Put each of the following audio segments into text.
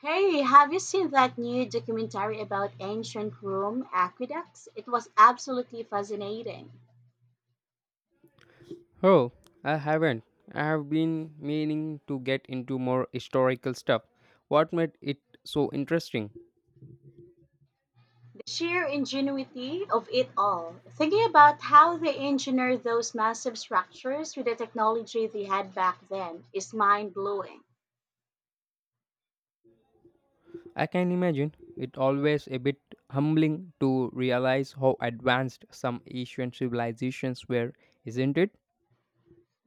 Hey, have you seen that new documentary about ancient Rome aqueducts? It was absolutely fascinating. Oh, I haven't. I have been meaning to get into more historical stuff. What made it so interesting? The sheer ingenuity of it all. Thinking about how they engineered those massive structures with the technology they had back then is mind blowing. I can imagine it always a bit humbling to realize how advanced some ancient civilizations were, isn't it?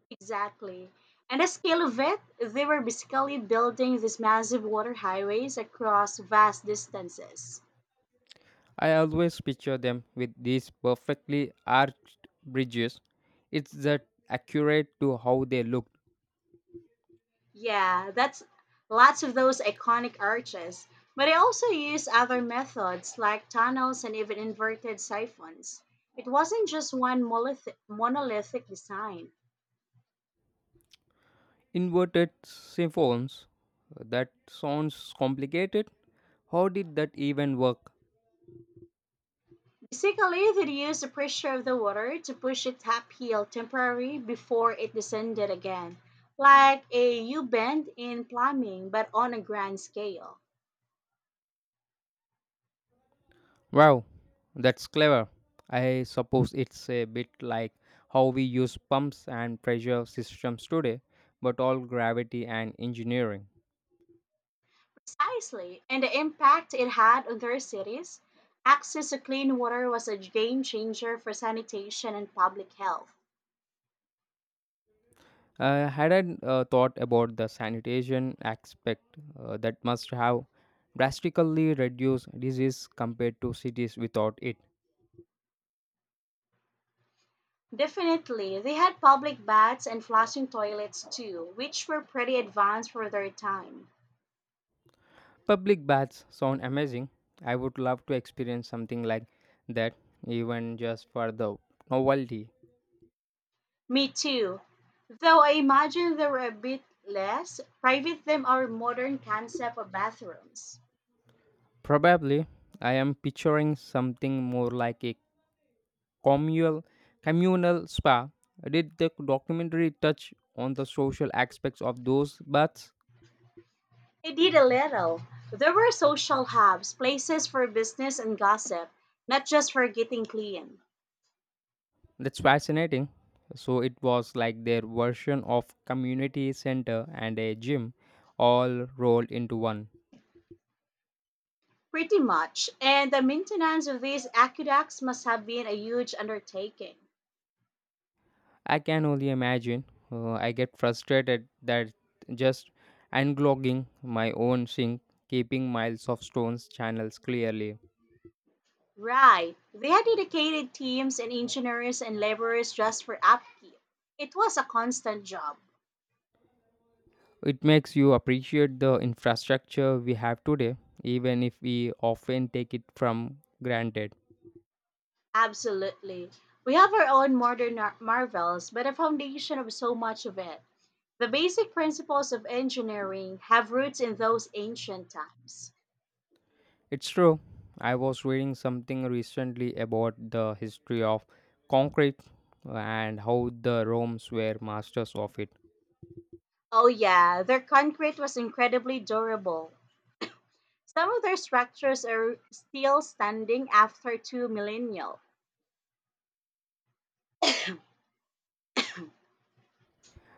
Exactly. And the scale of it, they were basically building these massive water highways across vast distances. I always picture them with these perfectly arched bridges. It's that accurate to how they looked. Yeah, that's lots of those iconic arches. But they also used other methods like tunnels and even inverted siphons. It wasn't just one monolithic design. Inverted siphons. That sounds complicated. How did that even work? Basically, they used the pressure of the water to push it uphill temporarily before it descended again, like a U bend in plumbing, but on a grand scale. Wow, that's clever. I suppose it's a bit like how we use pumps and pressure systems today, but all gravity and engineering. Precisely, and the impact it had on their cities. Access to clean water was a game changer for sanitation and public health. I hadn't thought about the sanitation aspect that must have drastically reduced disease compared to cities without it. Definitely, they had public baths and flushing toilets too, which were pretty advanced for their time. Public baths sound amazing. I would love to experience something like that, even just for the novelty. Me too, though I imagine they were a bit less private than our modern concept of bathrooms. Probably, I am picturing something more like a communal communal spa. Did the documentary touch on the social aspects of those baths? It did a little. There were social hubs, places for business and gossip, not just for getting clean. That's fascinating. So it was like their version of community center and a gym all rolled into one. Pretty much. And the maintenance of these aqueducts must have been a huge undertaking. I can only imagine. I get frustrated that just unclogging my own sink, keeping miles of stones channels clearly. Right. They had dedicated teams and engineers and laborers just for upkeep. It was a constant job. It makes you appreciate the infrastructure we have today, even if we often take it from granted. Absolutely. We have our own modern marvels, but a foundation of so much of it. The basic principles of engineering have roots in those ancient times. It's true. I was reading something recently about the history of concrete and how the Romans were masters of it. Oh, yeah, their concrete was incredibly durable. Some of their structures are still standing after two millennia.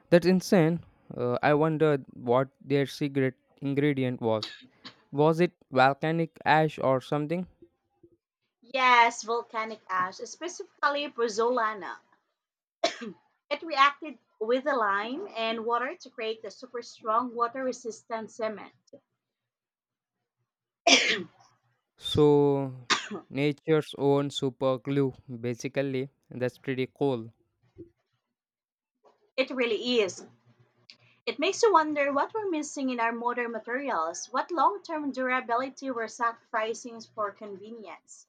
That's insane. I wondered what their secret ingredient was. Was it volcanic ash or something? Yes, volcanic ash, specifically pozzolana. It reacted with the lime and water to create the super strong water resistant cement. So, nature's own super glue, basically. That's pretty cool. It really is. It makes you wonder what we're missing in our modern materials, what long term durability we're sacrificing for convenience.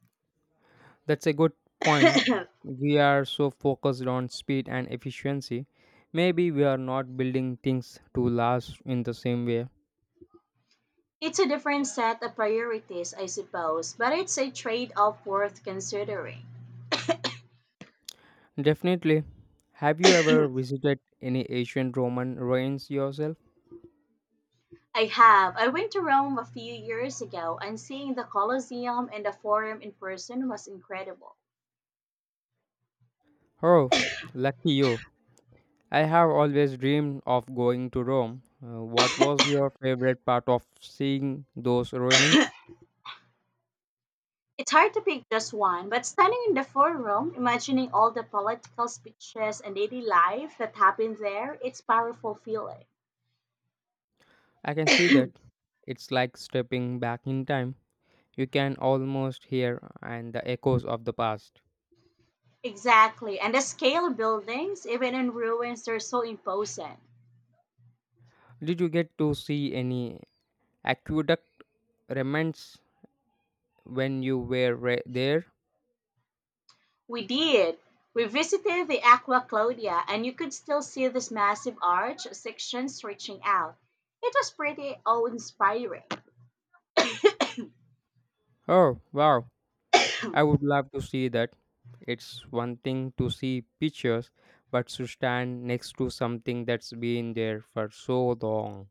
That's a good point. We are so focused on speed and efficiency. Maybe we are not building things to last in the same way. It's a different set of priorities, I suppose, but it's a trade off worth considering. Definitely. Have you ever visited any ancient Roman ruins yourself? I have. I went to Rome a few years ago, and seeing the Colosseum and the Forum in person was incredible. Oh, lucky you. I have always dreamed of going to Rome. What was your favorite part of seeing those ruins? It's hard to pick just one, but standing in the Forum, imagining all the political speeches and daily life that happened there, it's powerful feeling. I can see that. It's like stepping back in time. You can almost hear and the echoes of the past. Exactly. And the scale of buildings, even in ruins, they're so imposing. Did you get to see any aqueduct remnants when you were there? We did. We visited the Aqua Claudia, and you could still see this massive arch sections reaching out. It was pretty awe inspiring. Oh, wow. I would love to see that. It's one thing to see pictures, but to stand next to something that's been there for so long.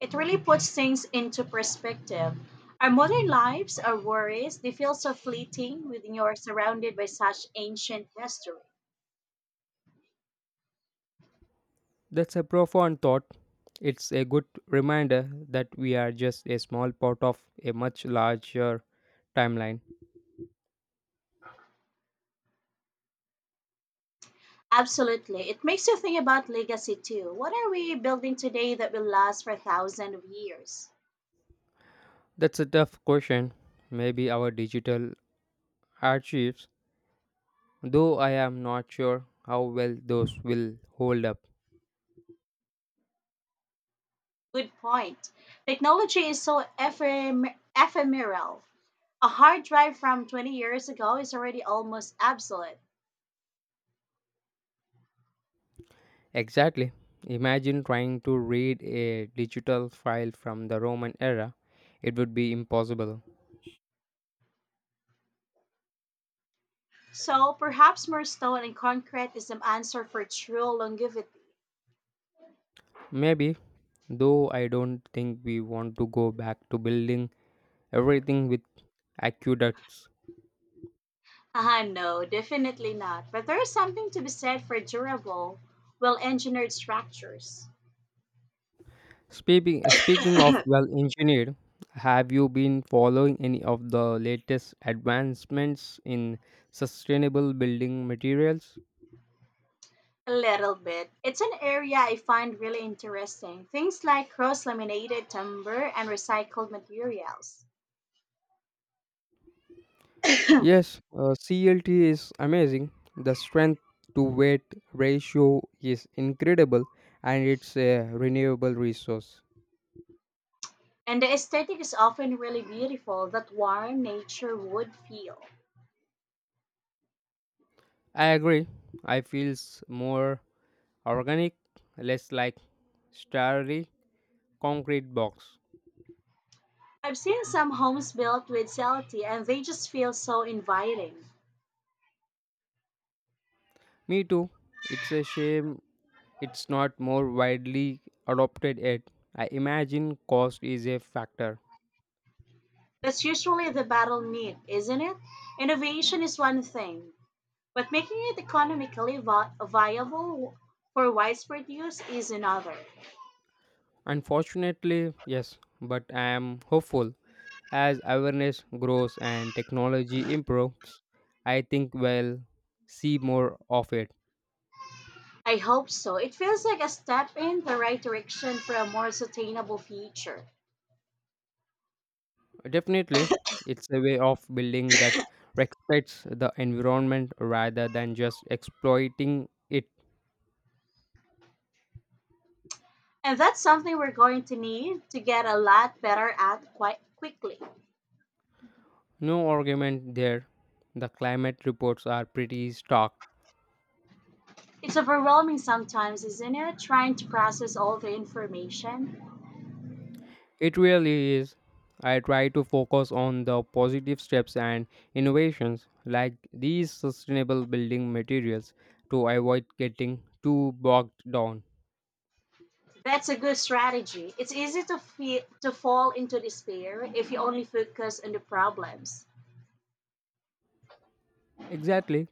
It really puts things into perspective. Our modern lives, our worries, they feel so fleeting when you're surrounded by such ancient history. That's a profound thought. It's a good reminder that we are just a small part of a much larger timeline. Absolutely. It makes you think about legacy too. What are we building today that will last for thousands of years? That's a tough question. Maybe our digital archives, though I am not sure how well those will hold up. Good point. Technology is so ephemeral. A hard drive from 20 years ago is already almost obsolete. Exactly. Imagine trying to read a digital file from the Roman era. It would be impossible. So perhaps more stone and concrete is the answer for true longevity. Maybe, though I don't think we want to go back to building everything with aqueducts. Haha, no, definitely not. But there is something to be said for durable, well engineered structures. Speaking of well engineered, have you been following any of the latest advancements in sustainable building materials? A little bit. It's an area I find really interesting. Things like cross laminated timber and recycled materials. Yes, CLT is amazing. The strength to weight ratio is incredible and it's a renewable resource. And the aesthetic is often really beautiful, that warm nature would feel. I agree. I feels more organic, less like starry concrete box. I've seen some homes built with cellate and they just feel so inviting. Me too. It's a shame it's not more widely adopted yet. I imagine cost is a factor. That's usually the battle need, isn't it? Innovation is one thing, but making it economically viable for widespread use is another. Unfortunately, yes, but I am hopeful as awareness grows and technology improves, I think we'll see more of it. I hope so. It feels like a step in the right direction for a more sustainable future. Definitely, it's a way of building that respects the environment rather than just exploiting it. And that's something we're going to need to get a lot better at quite quickly. No argument there. The climate reports are pretty stark. It's overwhelming sometimes, isn't it? Trying to process all the information. It really is. I try to focus on the positive steps and innovations like these sustainable building materials to avoid getting too bogged down. That's a good strategy. It's easy to, to fall into despair if you only focus on the problems. Exactly.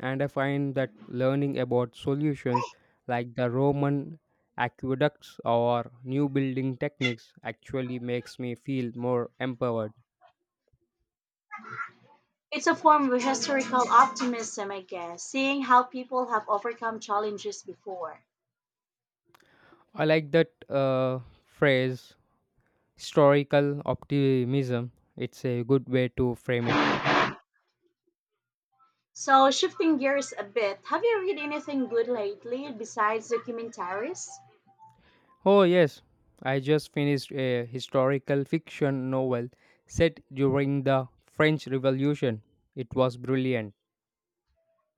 And I find that learning about solutions like the Roman aqueducts or new building techniques actually makes me feel more empowered. It's a form of historical optimism, I guess, seeing how people have overcome challenges before. I like that phrase, historical optimism. It's a good way to frame it. So, shifting gears a bit, have you read anything good lately besides documentaries? Oh, yes, I just finished a historical fiction novel set during the French Revolution. It was brilliant.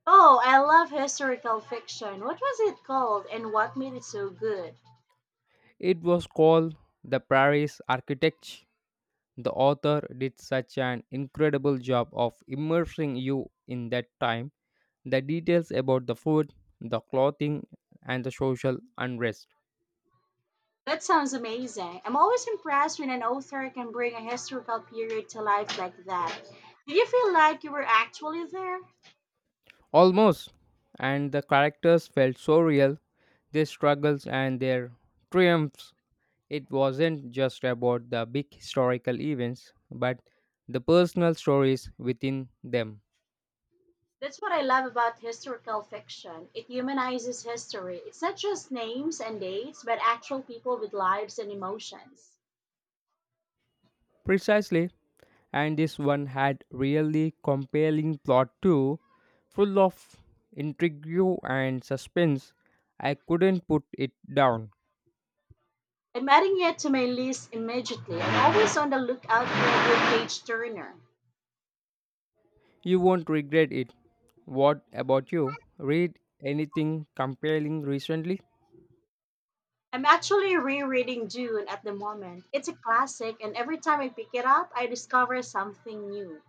Oh, I love historical fiction. What was it called and what made it so good? It was called The Paris Architect. The author did such an incredible job of immersing you in that time. The details about the food, the clothing, and the social unrest. That sounds amazing. I'm always impressed when an author can bring a historical period to life like that. Did you feel like you were actually there? Almost. And the characters felt so real, their struggles and their triumphs. It wasn't just about the big historical events, but the personal stories within them. That's what I love about historical fiction. It humanizes history. It's not just names and dates, but actual people with lives and emotions. Precisely, and this one had really compelling plot too, full of intrigue and suspense. I couldn't put it down. I'm adding it to my list immediately. I'm always on the lookout for a good page turner. You won't regret it. What about you? Read anything compelling recently? I'm actually rereading Dune at the moment. It's a classic, and every time I pick it up, I discover something new.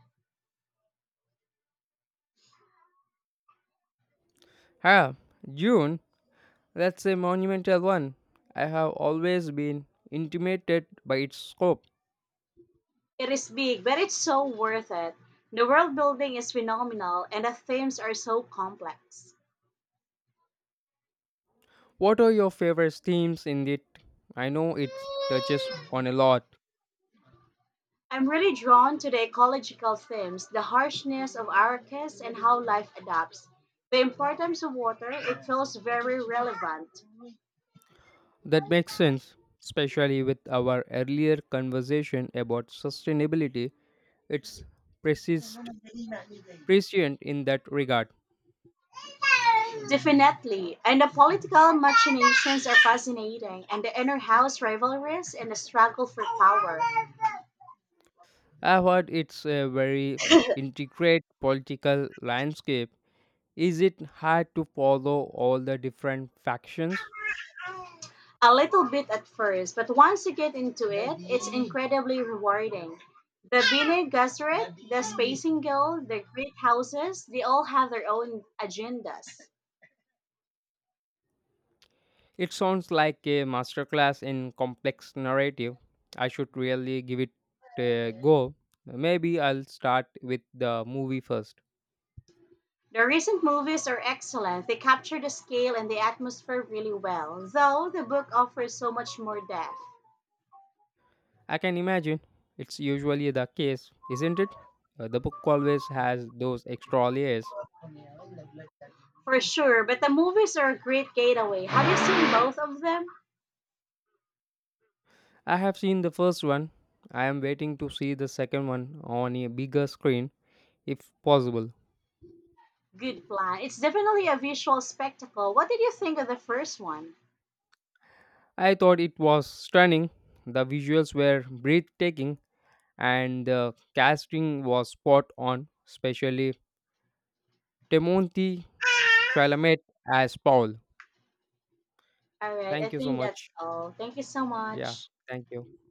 Ah, June. That's a monumental one. I have always been intimidated by its scope. It is big, but it's so worth it. The world building is phenomenal, and the themes are so complex. What are your favorite themes in it? I know it touches on a lot. I'm really drawn to the ecological themes, the harshness of our coast and how life adapts. The importance of water, it feels very relevant. That makes sense, especially with our earlier conversation about sustainability. It's persist, prescient in that regard. Definitely. And the political machinations are fascinating, and the inner house rivalries and the struggle for power. I've heard it's a very intricate political landscape. Is it hard to follow all the different factions? A little bit at first, but once you get into it, it's incredibly rewarding. The Bene Gesserit, the Spacing Guild, the Great Houses, they all have their own agendas. It sounds like a masterclass in complex narrative. I should really give it a go. Maybe I'll start with the movie first. The recent movies are excellent. They capture the scale and the atmosphere really well, though the book offers so much more depth. I can imagine. It's usually the case, isn't it? The book always has those extra layers. For sure, but the movies are a great gateway. Have you seen both of them? I have seen the first one. I am waiting to see the second one on a bigger screen, if possible. Good plan. It's definitely a visual spectacle. What did you think of the first one? I thought it was stunning. The visuals were breathtaking, and the casting was spot on, especially Timothy Chalamet as Paul. All right, I Thank you so think much. that's all. Thank you so Yeah, much. thank you.